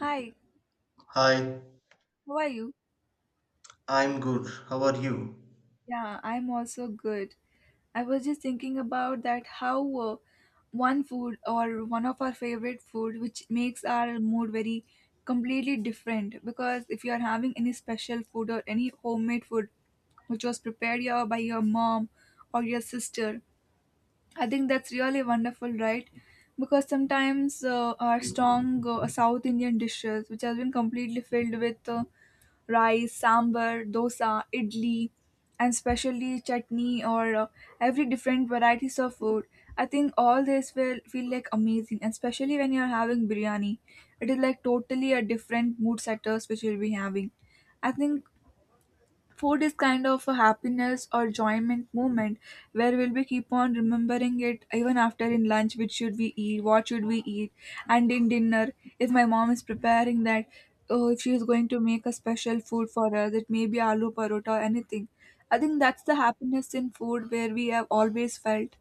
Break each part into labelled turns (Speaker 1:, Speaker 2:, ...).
Speaker 1: Hi,
Speaker 2: Hi,
Speaker 1: how are you?
Speaker 2: I'm good. How are you?
Speaker 1: Yeah, I'm also good. I was just thinking about that how one food or one of our favorite food which makes our mood very completely different because if you are having any special food or any homemade food which was prepared your by your mom or your sister. I think that's really wonderful, right? Because sometimes our strong South Indian dishes, which has been completely filled with rice, sambar, dosa, idli, and especially chutney or every different varieties of food, I think all this will feel like amazing, and especially when you're having biryani. It is like totally a different mood setters which you'll be having. I think food is kind of a happiness or enjoyment moment where we'll be keep on remembering it even after in lunch, which should we eat, what should we eat, and in dinner, if my mom is preparing that, oh, if she is going to make a special food for us, it may be aloo parota or anything. I think that's the happiness in food where we have always felt.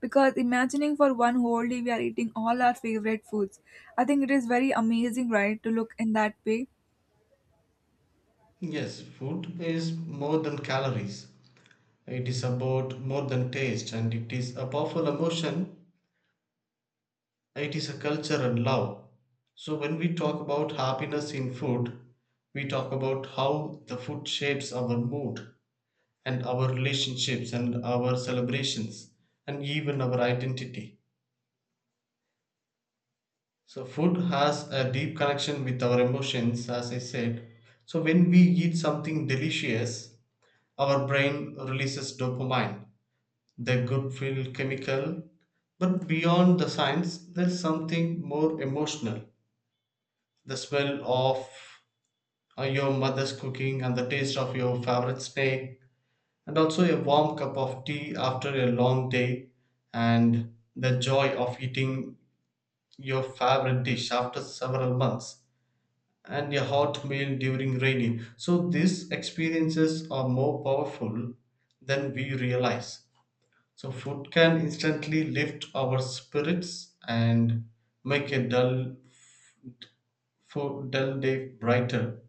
Speaker 1: Because imagining for one whole day we are eating all our favorite foods, I think it is very amazing, right, to look in that way.
Speaker 2: Yes, food is more than calories. It is about more than taste, and it is a powerful emotion. It is a culture and love. So when we talk about happiness in food, we talk about how the food shapes our mood and our relationships and our celebrations and even our identity. So food has a deep connection with our emotions, as I said. So when we eat something delicious, our brain releases dopamine, the good feel chemical, but beyond the science, there's something more emotional. The smell of your mother's cooking, and the taste of your favorite snack, and also a warm cup of tea after a long day, and the joy of eating your favorite dish after several months, and a hot meal during rainy. So these experiences are more powerful than we realize. So food can instantly lift our spirits and make a dull day brighter.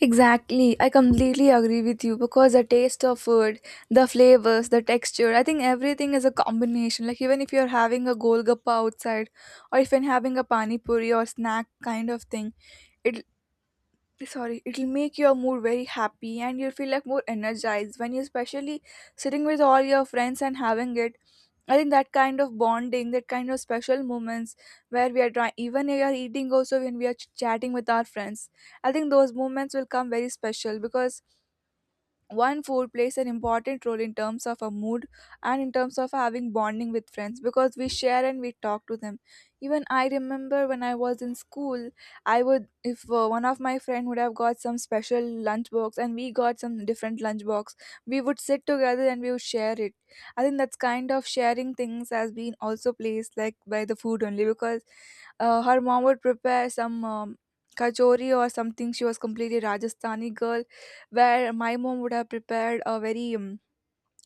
Speaker 1: Exactly. I completely agree with you because the taste of food, the flavors, the texture, I think everything is a combination. Like even if you're having a golgappa outside or if you're having a pani puri or snack kind of thing, it sorry, it'll make your mood very happy and you'll feel like more energized when you're especially sitting with all your friends and having it. I think that kind of bonding, that kind of special moments where we are trying, even we are eating, also when we are chatting with our friends. I think those moments will come very special because one food plays an important role in terms of a mood and in terms of having bonding with friends because we share and we talk to them. Even I remember when I was in school, I would if one of my friend would have got some special lunch box and we got some different lunch box, we would sit together and we would share it. I think that's kind of sharing things has been also placed like by the food only because her mom would prepare some kachori or something. She was completely Rajasthani girl, where my mom would have prepared a very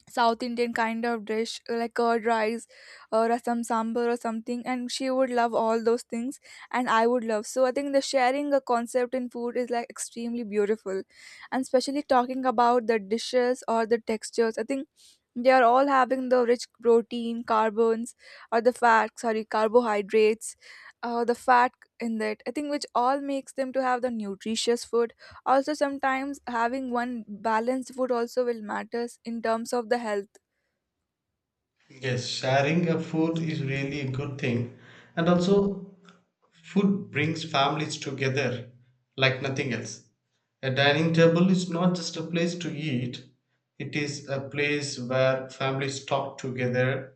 Speaker 1: South Indian kind of dish like curd rice or some sambar or something, and she would love all those things, and I would love. So I think the sharing a concept in food is like extremely beautiful, and especially talking about the dishes or the textures. I think they are all having the rich protein carbons or the fat sorry carbohydrates the fat in that, I think, which all makes them to have the nutritious food. Also sometimes having one balanced food also will matters in terms of the health.
Speaker 2: Yes, sharing a food is really a good thing, and also food brings families together like nothing else. A dining table is not just a place to eat, it is a place where families talk together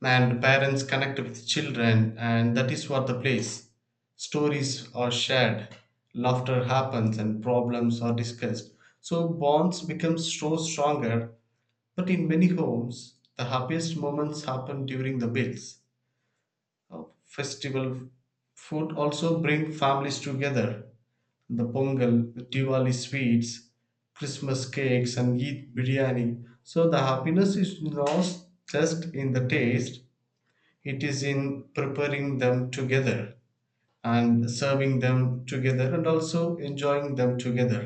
Speaker 2: and parents connect with children, and that is what the place stories are shared, laughter happens, and problems are discussed. So bonds become so stronger, but in many homes the happiest moments happen during the meals. Uh, Festival food also bring families together: the pongal, the diwali sweets, christmas cakes, and eid biryani. So the happiness is not just in the taste, it is in preparing them together and serving them together and also enjoying them together.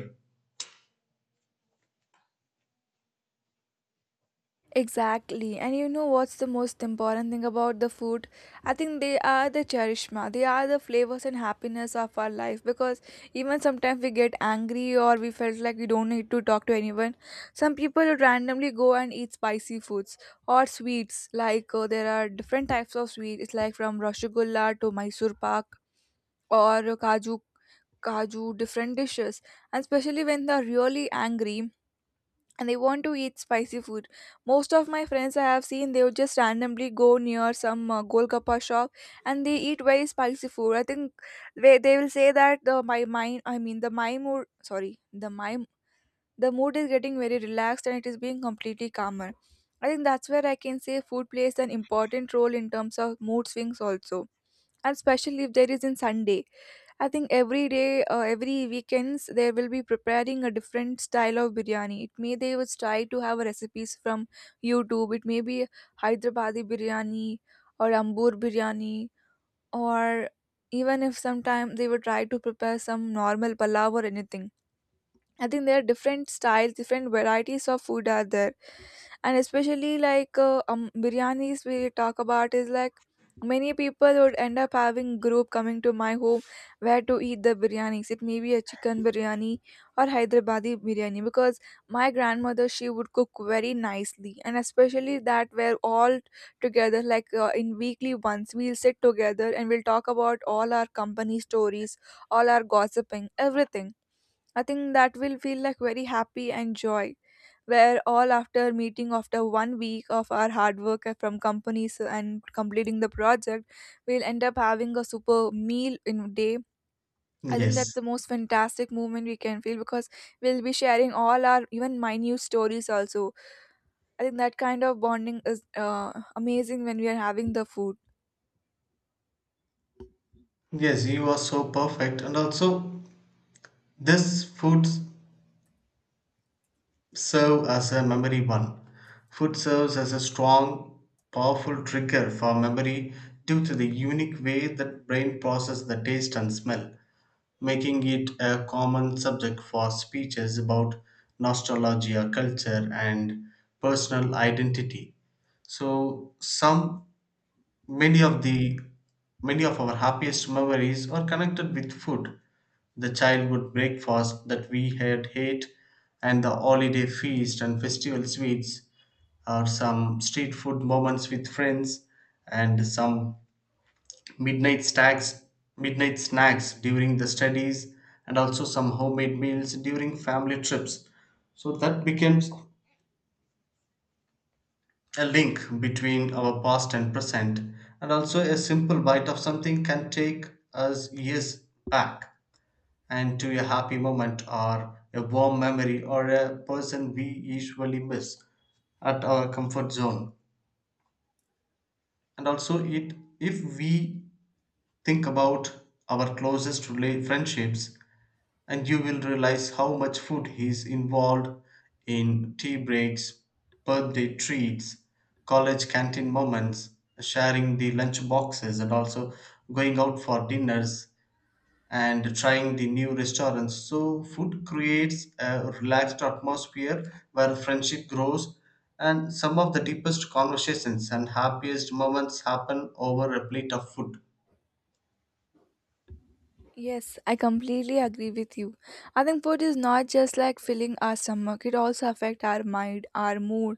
Speaker 1: Exactly. And you know what's the most important thing about the food? I think they are the charishma. They are the flavors and happiness of our life because even sometimes we get angry or we felt like we don't need to talk to anyone. Some people would randomly go and eat spicy foods or sweets. Like there are different types of sweets. It's like from rasgulla to Mysore pak or kaju different dishes, and especially when they're really angry and they want to eat spicy food. Most of my friends I have seen, they would just randomly go near some Golgappa shop and they eat very spicy food. I think they will say that the my mind, I mean the my mood, sorry, the mood is getting very relaxed and it is being completely calmer. I think that's where I can say food plays an important role in terms of mood swings also, and especially if there is in Sunday. I think every day, every weekends they will be preparing a different style of biryani. It may they would try to have recipes from YouTube. It may be Hyderabadi biryani or Ambur biryani, or even if sometimes they would try to prepare some normal palav or anything. I think there are different styles, different varieties of food are there, and especially like biryanis we talk about is like many people would end up having group coming to my home where to eat the biryanis. It may be a chicken biryani or Hyderabadi biryani because my grandmother she would cook very nicely, and especially that we're all together, like in weekly once we'll sit together and we'll talk about all our company stories, all our gossiping everything. I think that will feel like very happy and joy where all after meeting after one week of our hard work from companies and completing the project, we'll end up having a super meal in a day. I think that's
Speaker 2: Yes,
Speaker 1: the most fantastic moment we can feel because we'll be sharing all our even minute stories also. I think that kind of bonding is amazing when we are having the food.
Speaker 2: yes, you are so perfect. And also, this foods serve as a memory one. Food serves as a strong, powerful trigger for memory due to the unique way that brain process the taste and smell, making it a common subject for speeches about nostalgia, culture, and personal identity. So, some many of the many of our happiest memories are connected with food: the childhood breakfast that we had hate, and the holiday feast and festival sweets, or some street food moments with friends, and some midnight snacks midnight snacks during the studies, and also some homemade meals during family trips. So that becomes a link between our past and present, and also a simple bite of something can take us years back and to a happy moment or a warm memory or a person we usually miss at our comfort zone. And also it, if we think about our closest friendships, and you will realize how much food is involved in tea breaks, birthday treats, college canteen moments, sharing the lunch boxes, and also going out for dinners and trying the new restaurants. So food creates a relaxed atmosphere where friendship grows, and some of the deepest conversations and happiest moments happen over a plate of food.
Speaker 1: Yes, I completely agree with you. I think food is not just like filling our stomach, it also affects our mind, our mood,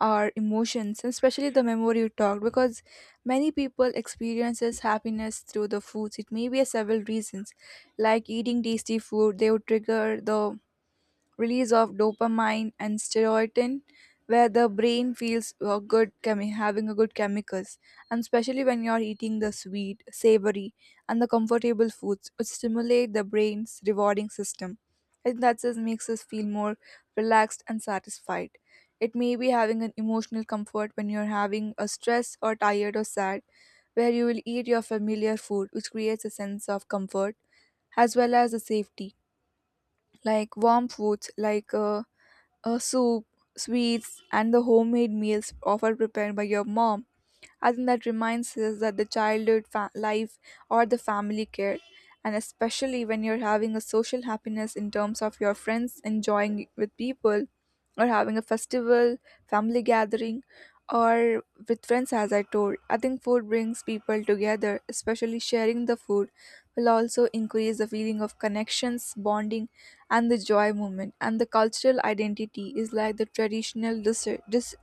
Speaker 1: our emotions, and especially the memory you talked because many people experiences happiness through the foods. It may be a several reasons. Like eating tasty food, they would trigger the release of dopamine and serotonin where the brain feels having a good chemicals, and especially when you're eating the sweet savory and the comfortable foods which stimulate the brain's rewarding system. I think that just makes us feel more relaxed and satisfied. It may be having an emotional comfort when you're having a stress or tired or sad, where you will eat your familiar food which creates a sense of comfort as well as a safety, like warm foods like soup, sweets, and the homemade meals often prepared by your mom. I think that reminds us that the childhood life or the family care, and especially when you're having a social happiness in terms of your friends enjoying with people, or having a festival, family gathering, or with friends, as I told, I think food brings people together, especially sharing the food will also increase the feeling of connections, bonding, and the joy moment. And the cultural identity is like the traditional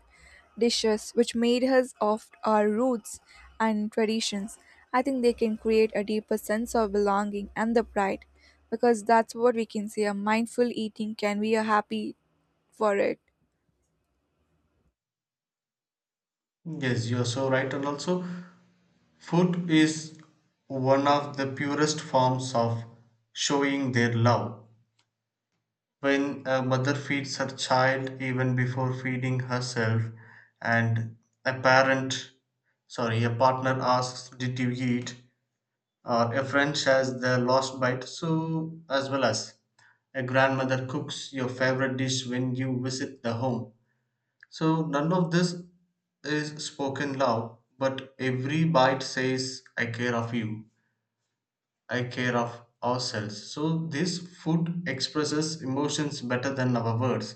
Speaker 1: dishes which made us of our roots and traditions. I think they can create a deeper sense of belonging and the pride because that's what we can say a mindful eating can be a happy for it.
Speaker 2: Yes, you are so right, and also food is one of the purest forms of showing their love. When a mother feeds her child even before feeding herself, and a parent, a partner asks, "Did you eat?" or a friend shares the last bite, so as well as a grandmother cooks your favorite dish when you visit the home. So none of this is spoken loud, but every bite says, "I care of you." A care of ourselves. So this food expresses emotions better than our words,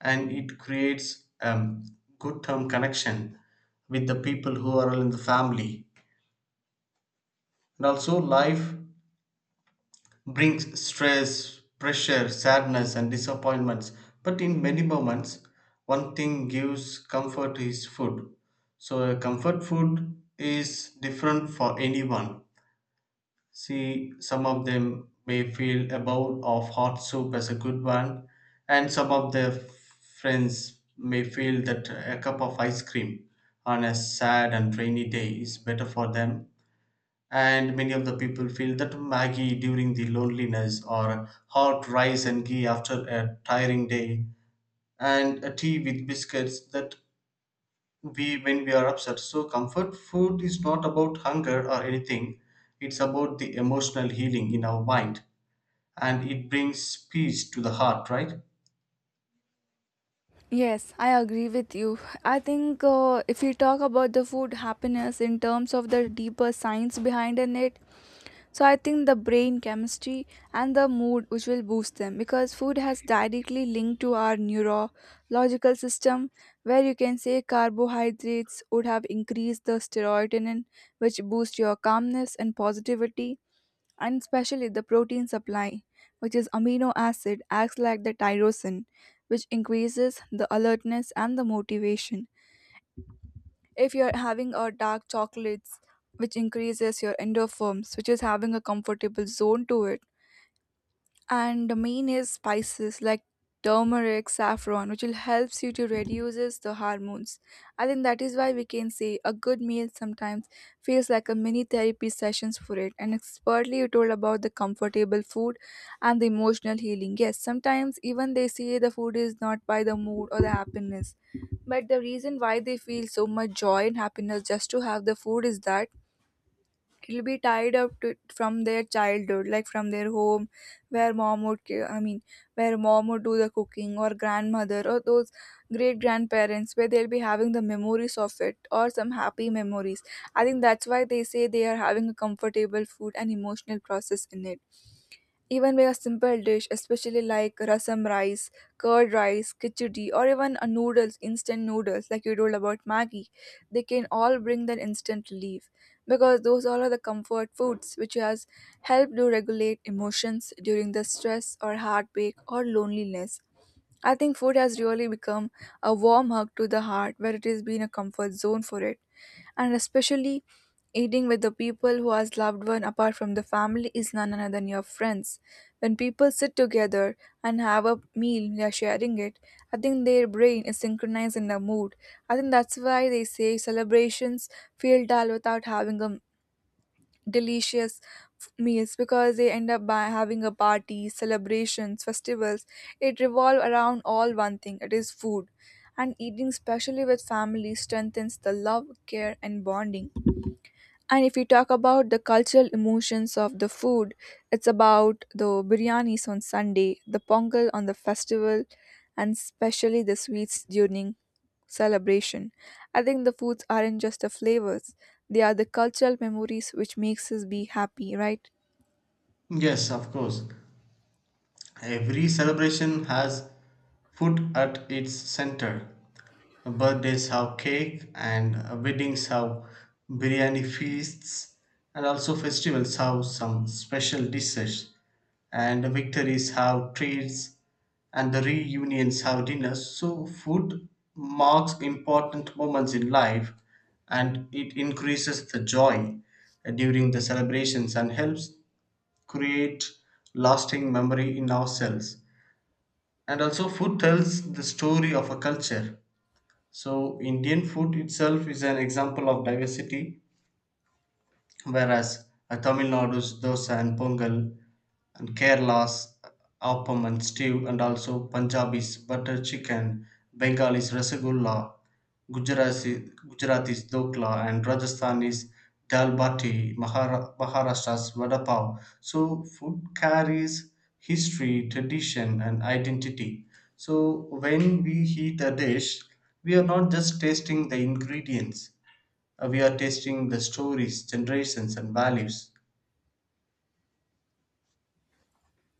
Speaker 2: and it creates good term connection with the people who are in the family. And also, life brings stress, pressure, sadness, and disappointments. But in many moments, one thing gives comfort is food. So a comfort food is different for anyone. See, some of them may feel a bowl of hot soup as a good one, and some of their friends may feel that a cup of ice cream on a sad and rainy day is better for them. And many of the people feel that Maggie during the loneliness, or hot rice and ghee after a tiring day, and a tea with biscuits that we when we are upset. So comfort food is not about hunger or anything, it's about the emotional healing in our mind, and it brings peace to the heart, right?
Speaker 1: Yes, I agree with you. I think if we talk about the food happiness in terms of the deeper science behind in it, so I think the brain chemistry and the mood which will boost them because food has directly linked to our neurological system, where you can say carbohydrates would have increased the serotonin which boosts your calmness and positivity, and especially the protein supply which is amino acid acts like the tyrosine which increases the alertness and the motivation. If you're having a dark chocolates, which increases your endorphins, which is having a comfortable zone to it, and the main is spices like turmeric saffron which will helps you to reduces the hormones. I think that is why we can say a good meal sometimes feels like a mini therapy sessions for it. And expertly you told about the comfortable food and the emotional healing, yes, sometimes even they say the food is not by the mood or the happiness, but the reason why they feel so much joy and happiness just to have the food is that will be tied up to, from their childhood, like from their home, where mom would I mean, where mom would do the cooking or grandmother or those great grandparents where they'll be having the memories of it or some happy memories. I think that's why they say they are having a comfortable food and emotional process in it, even with a simple dish, especially like rasam rice, curd rice, khichdi, or even a noodles, instant noodles like you told about Maggie, they can all bring that instant relief because those all are the comfort foods which has helped to regulate emotions during the stress or heartbreak or loneliness. I think food has really become a warm hug to the heart where it has been a comfort zone for it. And especially eating with the people who has loved one apart from the family is none other than your friends. When people sit together and have a meal, they are sharing it. I think their brain is synchronized in the mood. I think that's why they say celebrations feel dull without having a delicious meals because they end up by having a party, celebrations, festivals. It revolve around all one thing. It is food. And eating, especially with family, strengthens the love, care, and bonding. And if you talk about the cultural emotions of the food, it's about the biryanis on Sunday, the pongal on the festival, and especially the sweets during celebration. I think the foods aren't just the flavors, they are the cultural memories which makes us be happy, right?
Speaker 2: Yes, of course. Every celebration has food at its center. Birthdays have cake, and weddings have biryani feasts, and also festivals have some special dishes, and victories have treats, and the reunions have dinners. So food marks important moments in life, and it increases the joy during the celebrations and helps create lasting memory in ourselves. And also food tells the story of a culture. So Indian food itself is an example of diversity, whereas Tamil Nadu's dosa and pongal, and Kerala's appam and stew, and also Punjabi's butter chicken, Bengali's rasgulla, Gujarati's dokla, and Rajasthani's dal bati, Maharashtra's vada pav. So food carries history, tradition, and identity. So when we eat a dish, we are not just tasting the ingredients, we are testing the stories, generations, and values.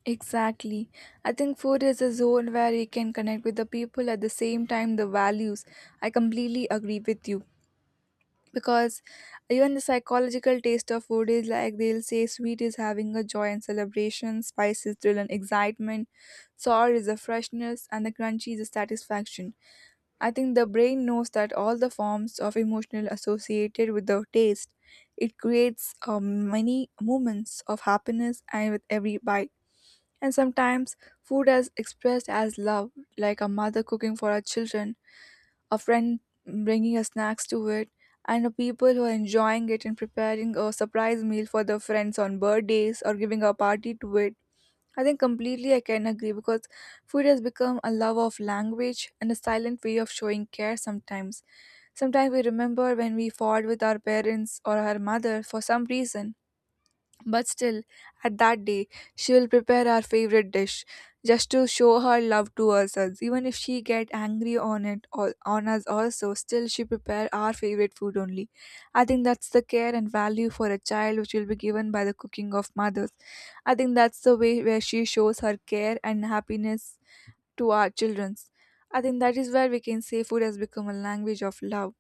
Speaker 1: Exactly. I think food is a zone where you can connect with the people at the same time the values. I completely agree with you because even the psychological taste of food is like they'll say sweet is having a joy and celebration, spice is thrill and excitement, sour is a freshness and the crunchy is a satisfaction. I think the brain knows that all the forms of emotional associated with the taste. It creates many moments of happiness and with every bite. And sometimes food is expressed as love, like a mother cooking for her children, a friend bringing her snacks to it, and the people who are enjoying it and preparing a surprise meal for their friends on birthdays or giving a party to it. I think completely I can agree because food has become a love of language and a silent way of showing care sometimes. Sometimes we remember when we fought with our parents or our mother for some reason, but still, at that day, she will prepare our favorite dish just to show her love to ourselves. Even if she get angry on it or on us also, still she prepare our favorite food only. I think that's the care and value for a child which will be given by the cooking of mothers. I think that's the way where she shows her care and happiness to our children. I think that is where we can say food has become a language of love.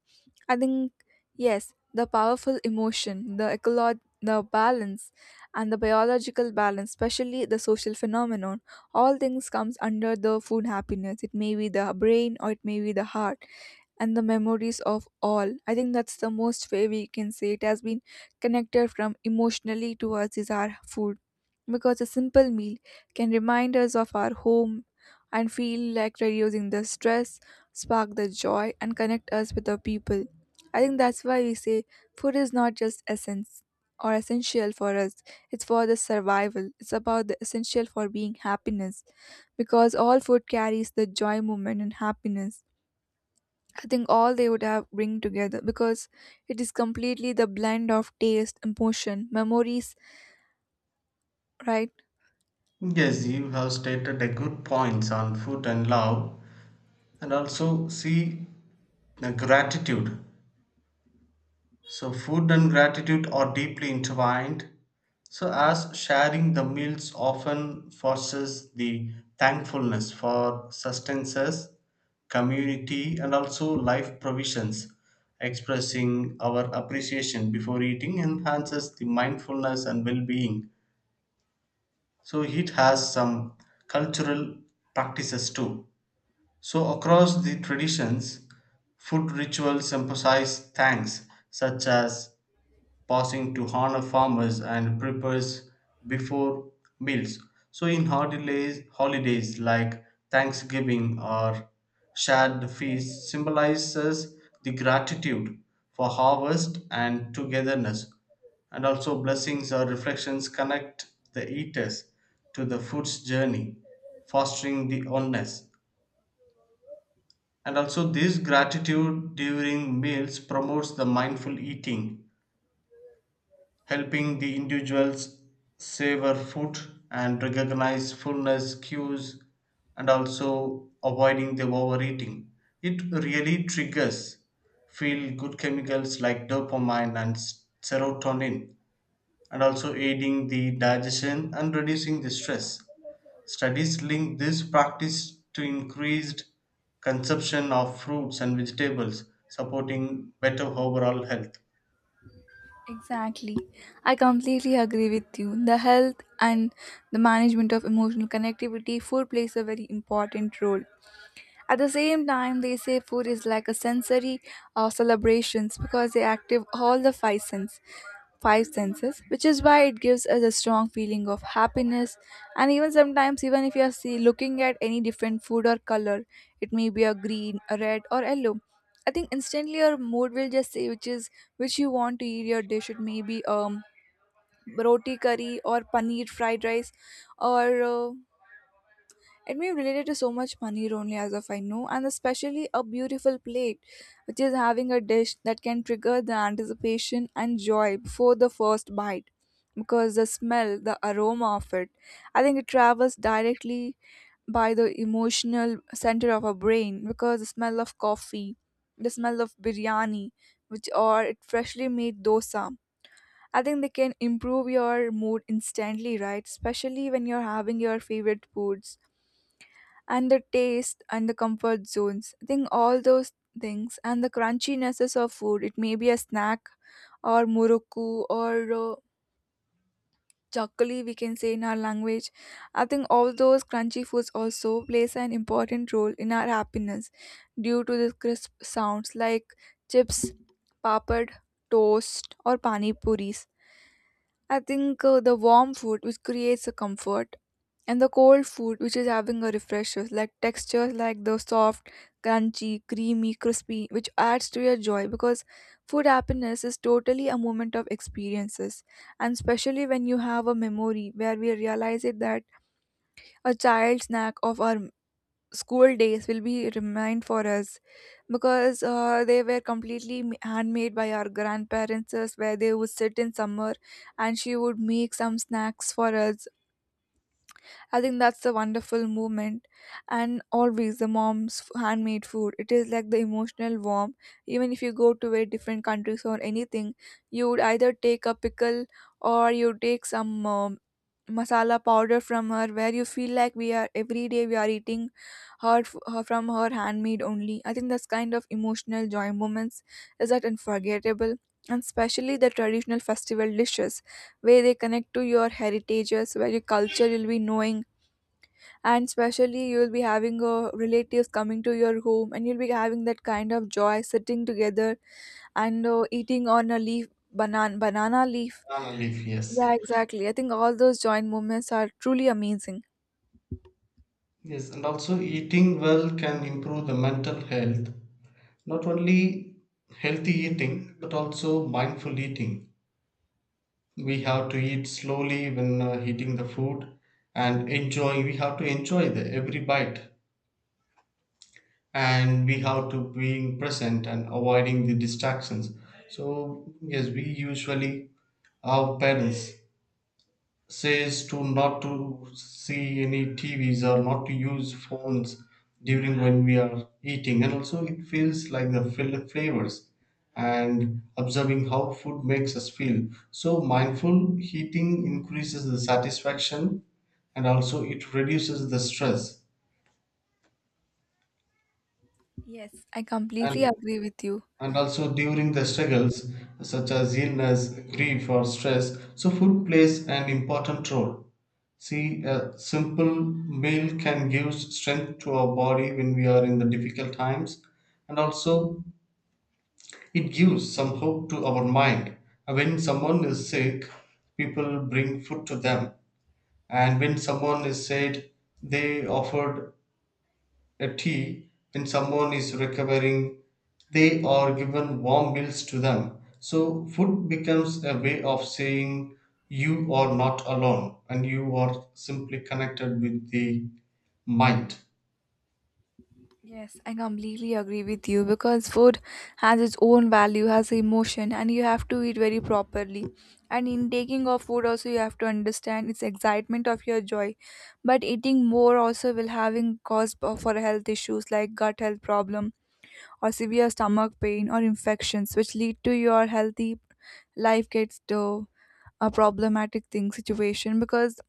Speaker 1: I think yes, the powerful emotion, the the balance, and the biological balance, especially the social phenomenon, all things comes under the food happiness. It may be the brain or it may be the heart and the memories of all. I think that's the most way we can say it has been connected from emotionally to us is our food. Because a simple meal can remind us of our home and feel like reducing the stress, spark the joy, and connect us with the people. I think that's why we say food is not just essence or essential for us, it's for the survival. It's about the essential for being happiness because all food carries the joy moment and happiness. I think all they would have bring together because it is completely the blend of taste, emotion, memories, right?
Speaker 2: Yes, you have stated a good points on food and love, and also see the gratitude. So food and gratitude are deeply intertwined, so as sharing the meals often fosters the thankfulness for sustenance, community, and also life provisions. Expressing our appreciation before eating enhances the mindfulness and well being. So it has some cultural practices too. So across the traditions, food rituals emphasize thanks, such as passing to honor farmers and prepares before meals. So in holidays like Thanksgiving or shared feast symbolizes the gratitude for harvest and togetherness. And also, blessings or reflections connect the eaters to the food's journey, fostering the oneness. And also, this gratitude during meals promotes the mindful eating, helping the individuals savor food and recognize fullness cues, and also avoiding the overeating. It really triggers feel good chemicals like dopamine and serotonin, and also aiding the digestion and reducing the stress. Studies link this practice to increased consumption of fruits and vegetables, supporting better overall health.
Speaker 1: Exactly. I completely agree with you. The health and the management of emotional connectivity, food plays a very important role. At the same time, they say food is like a sensory celebrations because they active all the five senses. Five senses which is why it gives us a strong feeling of happiness. And even sometimes, even if you are see, looking at any different food or color, it may be a green, a red, or yellow. I think instantly your mood will just say which is which you want to eat your dish. It may be roti curry or paneer fried rice or it may be related to so much money, only as of I know, and especially a beautiful plate, which is having a dish that can trigger the anticipation and joy before the first bite. Because the smell, the aroma of it, I think it travels directly by the emotional center of our brain. Because the smell of coffee, the smell of biryani, which or it freshly made dosa, I think they can improve your mood instantly, right? Especially when you're having your favorite foods and the taste and the comfort zones. I think all those things and the crunchiness of food. It may be a snack or muruku or chakli, we can say in our language. I think all those crunchy foods also plays an important role in our happiness due to the crisp sounds like chips, papad, toast, or pani puris. I think the warm food which creates a comfort and the cold food which is having a refresher like textures like the soft, crunchy, creamy, crispy which adds to your joy, because food happiness is totally a moment of experiences. And especially when you have a memory where we realize it that a child snack of our school days will be remind for us, because they were completely handmade by our grandparents where they would sit in summer and she would make some snacks for us. I think that's a wonderful moment. And always the mom's handmade food. It is like the emotional warm. Even if you go to a different countries or anything, you would either take a pickle or you take some masala powder from her where you feel like we are every day we are eating her, her from her handmade only. I think that's kind of emotional joy moments is that unforgettable. And especially the traditional festival dishes where they connect to your heritages, where your culture you'll be knowing, and especially you'll be having relatives coming to your home and you'll be having that kind of joy sitting together and eating on a leaf, banana leaf.
Speaker 2: Banana leaf, yes.
Speaker 1: Yeah, exactly, I think all those joint moments are truly amazing.
Speaker 2: Yes, and also eating well can improve the mental health. Not only healthy eating, but also mindful eating. We have to eat slowly when eating the food and enjoy. We have to enjoy the every bite, and we have to being present and avoiding the distractions. So yes, we usually our parents says to not to see any tvs or not to use phones during when we are eating, and also it feels like the flavors and observing how food makes us feel. So mindful eating increases the satisfaction, and also it reduces the stress.
Speaker 1: Yes, I completely
Speaker 2: and
Speaker 1: agree with you.
Speaker 2: and also during the struggles such as illness, grief, or stress. So food plays an important role. See, a simple meal can give strength to our body when we are in the difficult times, and also it gives some hope to our mind. When someone is sick, people bring food to them, and when someone is sad, they offered a tea. When someone is recovering, they are given warm meals to them. So food becomes a way of saying you are not alone, and you are simply connected with the mind.
Speaker 1: Yes, I completely agree with you because food has its own value, has emotion, and you have to eat very properly. And in taking of food, also you have to understand its excitement of your joy. But eating more also will having cause for health issues like gut health problem or severe stomach pain or infections, which lead to your healthy life gets to a problematic thing situation. Because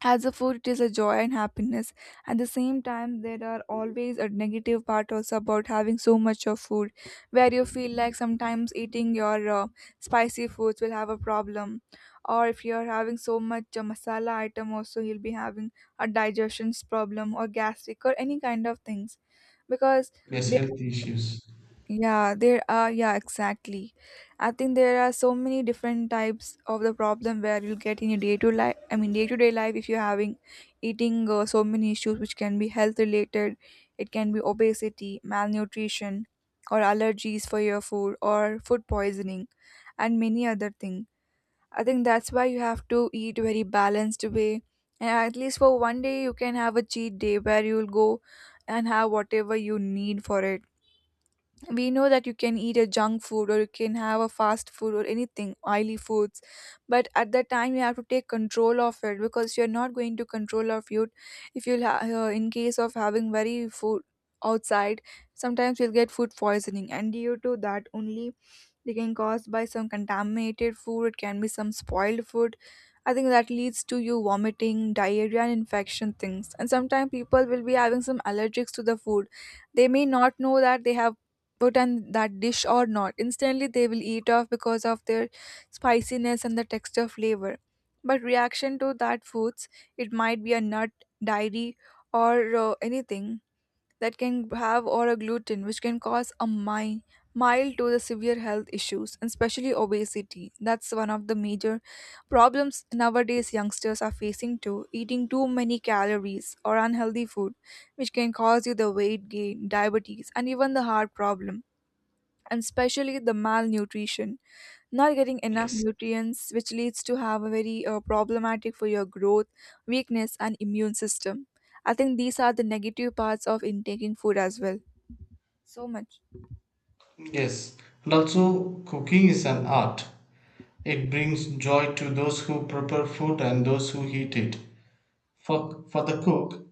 Speaker 1: as a food it is a joy and happiness, at the same time there are always a negative part also about having so much of food, where you feel like sometimes eating your spicy foods will have a problem, or if you are having so much masala item also, you'll be having a digestion's problem or gastric or any kind of things, because
Speaker 2: Yes. Mm. Health issues.
Speaker 1: yeah, there are, yeah, exactly. I think there are so many different types of the problem where you'll get in your day to day life, if you're having eating so many issues, which can be health related, it can be obesity, malnutrition, or allergies for your food, or food poisoning, and many other things. I think that's why you have to eat very balanced way. And at least for one day, you can have a cheat day where you'll go and have whatever you need for it. We know that you can eat a junk food or you can have a fast food or anything oily foods, but at that time you have to take control of it because you're not going to control of you. If you'll in case of having very food outside, sometimes you'll get food poisoning, and due to that only, they can caused by some contaminated food, it can be some spoiled food. I think that leads to you vomiting, diarrhea, and infection things. And sometimes people will be having some allergics to the food, they may not know that they have put on that dish or not, instantly they will eat off because of their spiciness and the texture flavor. But reaction to that foods, it might be a nut, dairy, or anything that can have, or a gluten, which can cause a mild to the severe health issues. And especially obesity, that's one of the major problems nowadays youngsters are facing, too eating too many calories or unhealthy food, which can cause you the weight gain, diabetes, and even the heart problem. And especially the malnutrition, not getting enough
Speaker 2: yes
Speaker 1: nutrients, which leads to have a very problematic for your growth, weakness, and immune system. I think these are the negative parts of intaking food as well, so much.
Speaker 2: yes, and also cooking is an art. It brings joy to those who prepare food and those who eat it. For the cook,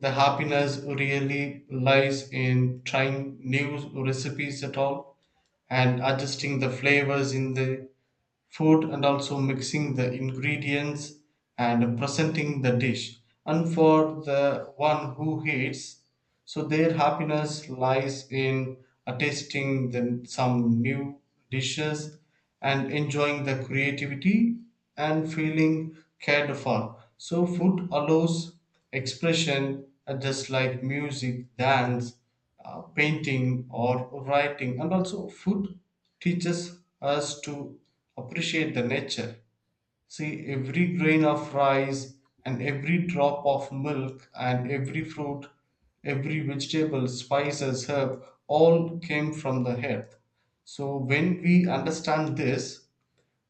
Speaker 2: the happiness really lies in trying new recipes at all, and adjusting the flavors in the food, and also mixing the ingredients and presenting the dish. And for the one who hates, so their happiness lies in tasting the, some new dishes and enjoying the creativity and feeling cared for. So food allows expression, just like music, dance, painting or writing. And also food teaches us to appreciate the nature. See, every grain of rice and every drop of milk and every fruit, every vegetable, spices, herb, all came from the earth. So when we understand this,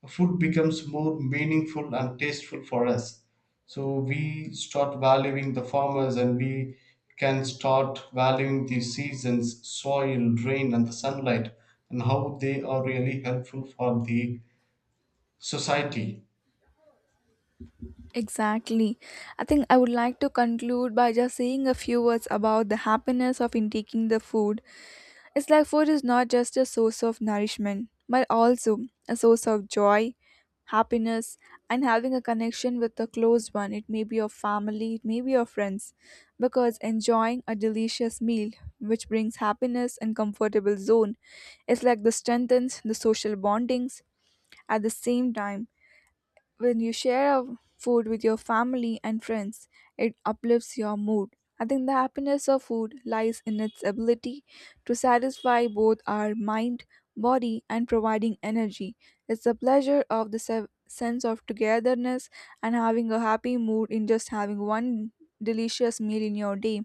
Speaker 2: food becomes more meaningful and tasteful for us. So we start valuing the farmers, and we can start valuing the seasons, soil, rain, and the sunlight, and how they are really helpful for the society.
Speaker 1: Exactly. I think I would like to conclude by just saying a few words about the happiness of intaking the food. It's like food is not just a source of nourishment, but also a source of joy, happiness, and having a connection with a close one. It may be your family, it may be your friends, because enjoying a delicious meal, which brings happiness and comfortable zone, is like the strengthens the social bondings. At the same time, when you share a food with your family and friends, it uplifts your mood. I think the happiness of food lies in its ability to satisfy both our mind, body, and providing energy. It's the pleasure of the sense of togetherness and having a happy mood. In just having one delicious meal in your day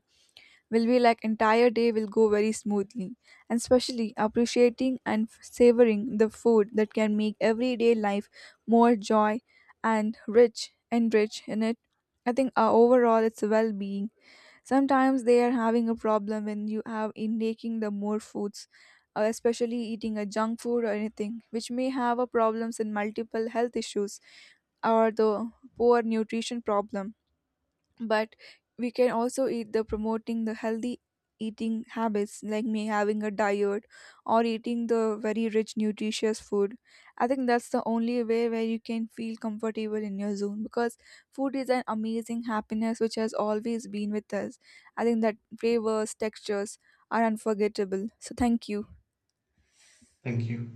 Speaker 1: will be like entire day will go very smoothly. And especially appreciating and savoring the food that can make everyday life more joy and rich in it. I think overall it's well-being. Sometimes they are having a problem when you have in taking the more foods, especially eating a junk food or anything which may have a problems in multiple health issues, or the poor nutrition problem. But we can also eat the promoting the healthy eating habits like me having a diet or eating the very rich nutritious food. I think that's the only way where you can feel comfortable in your zone, because food is an amazing happiness which has always been with us. I think that flavors, textures are unforgettable. So thank you.
Speaker 2: Thank you.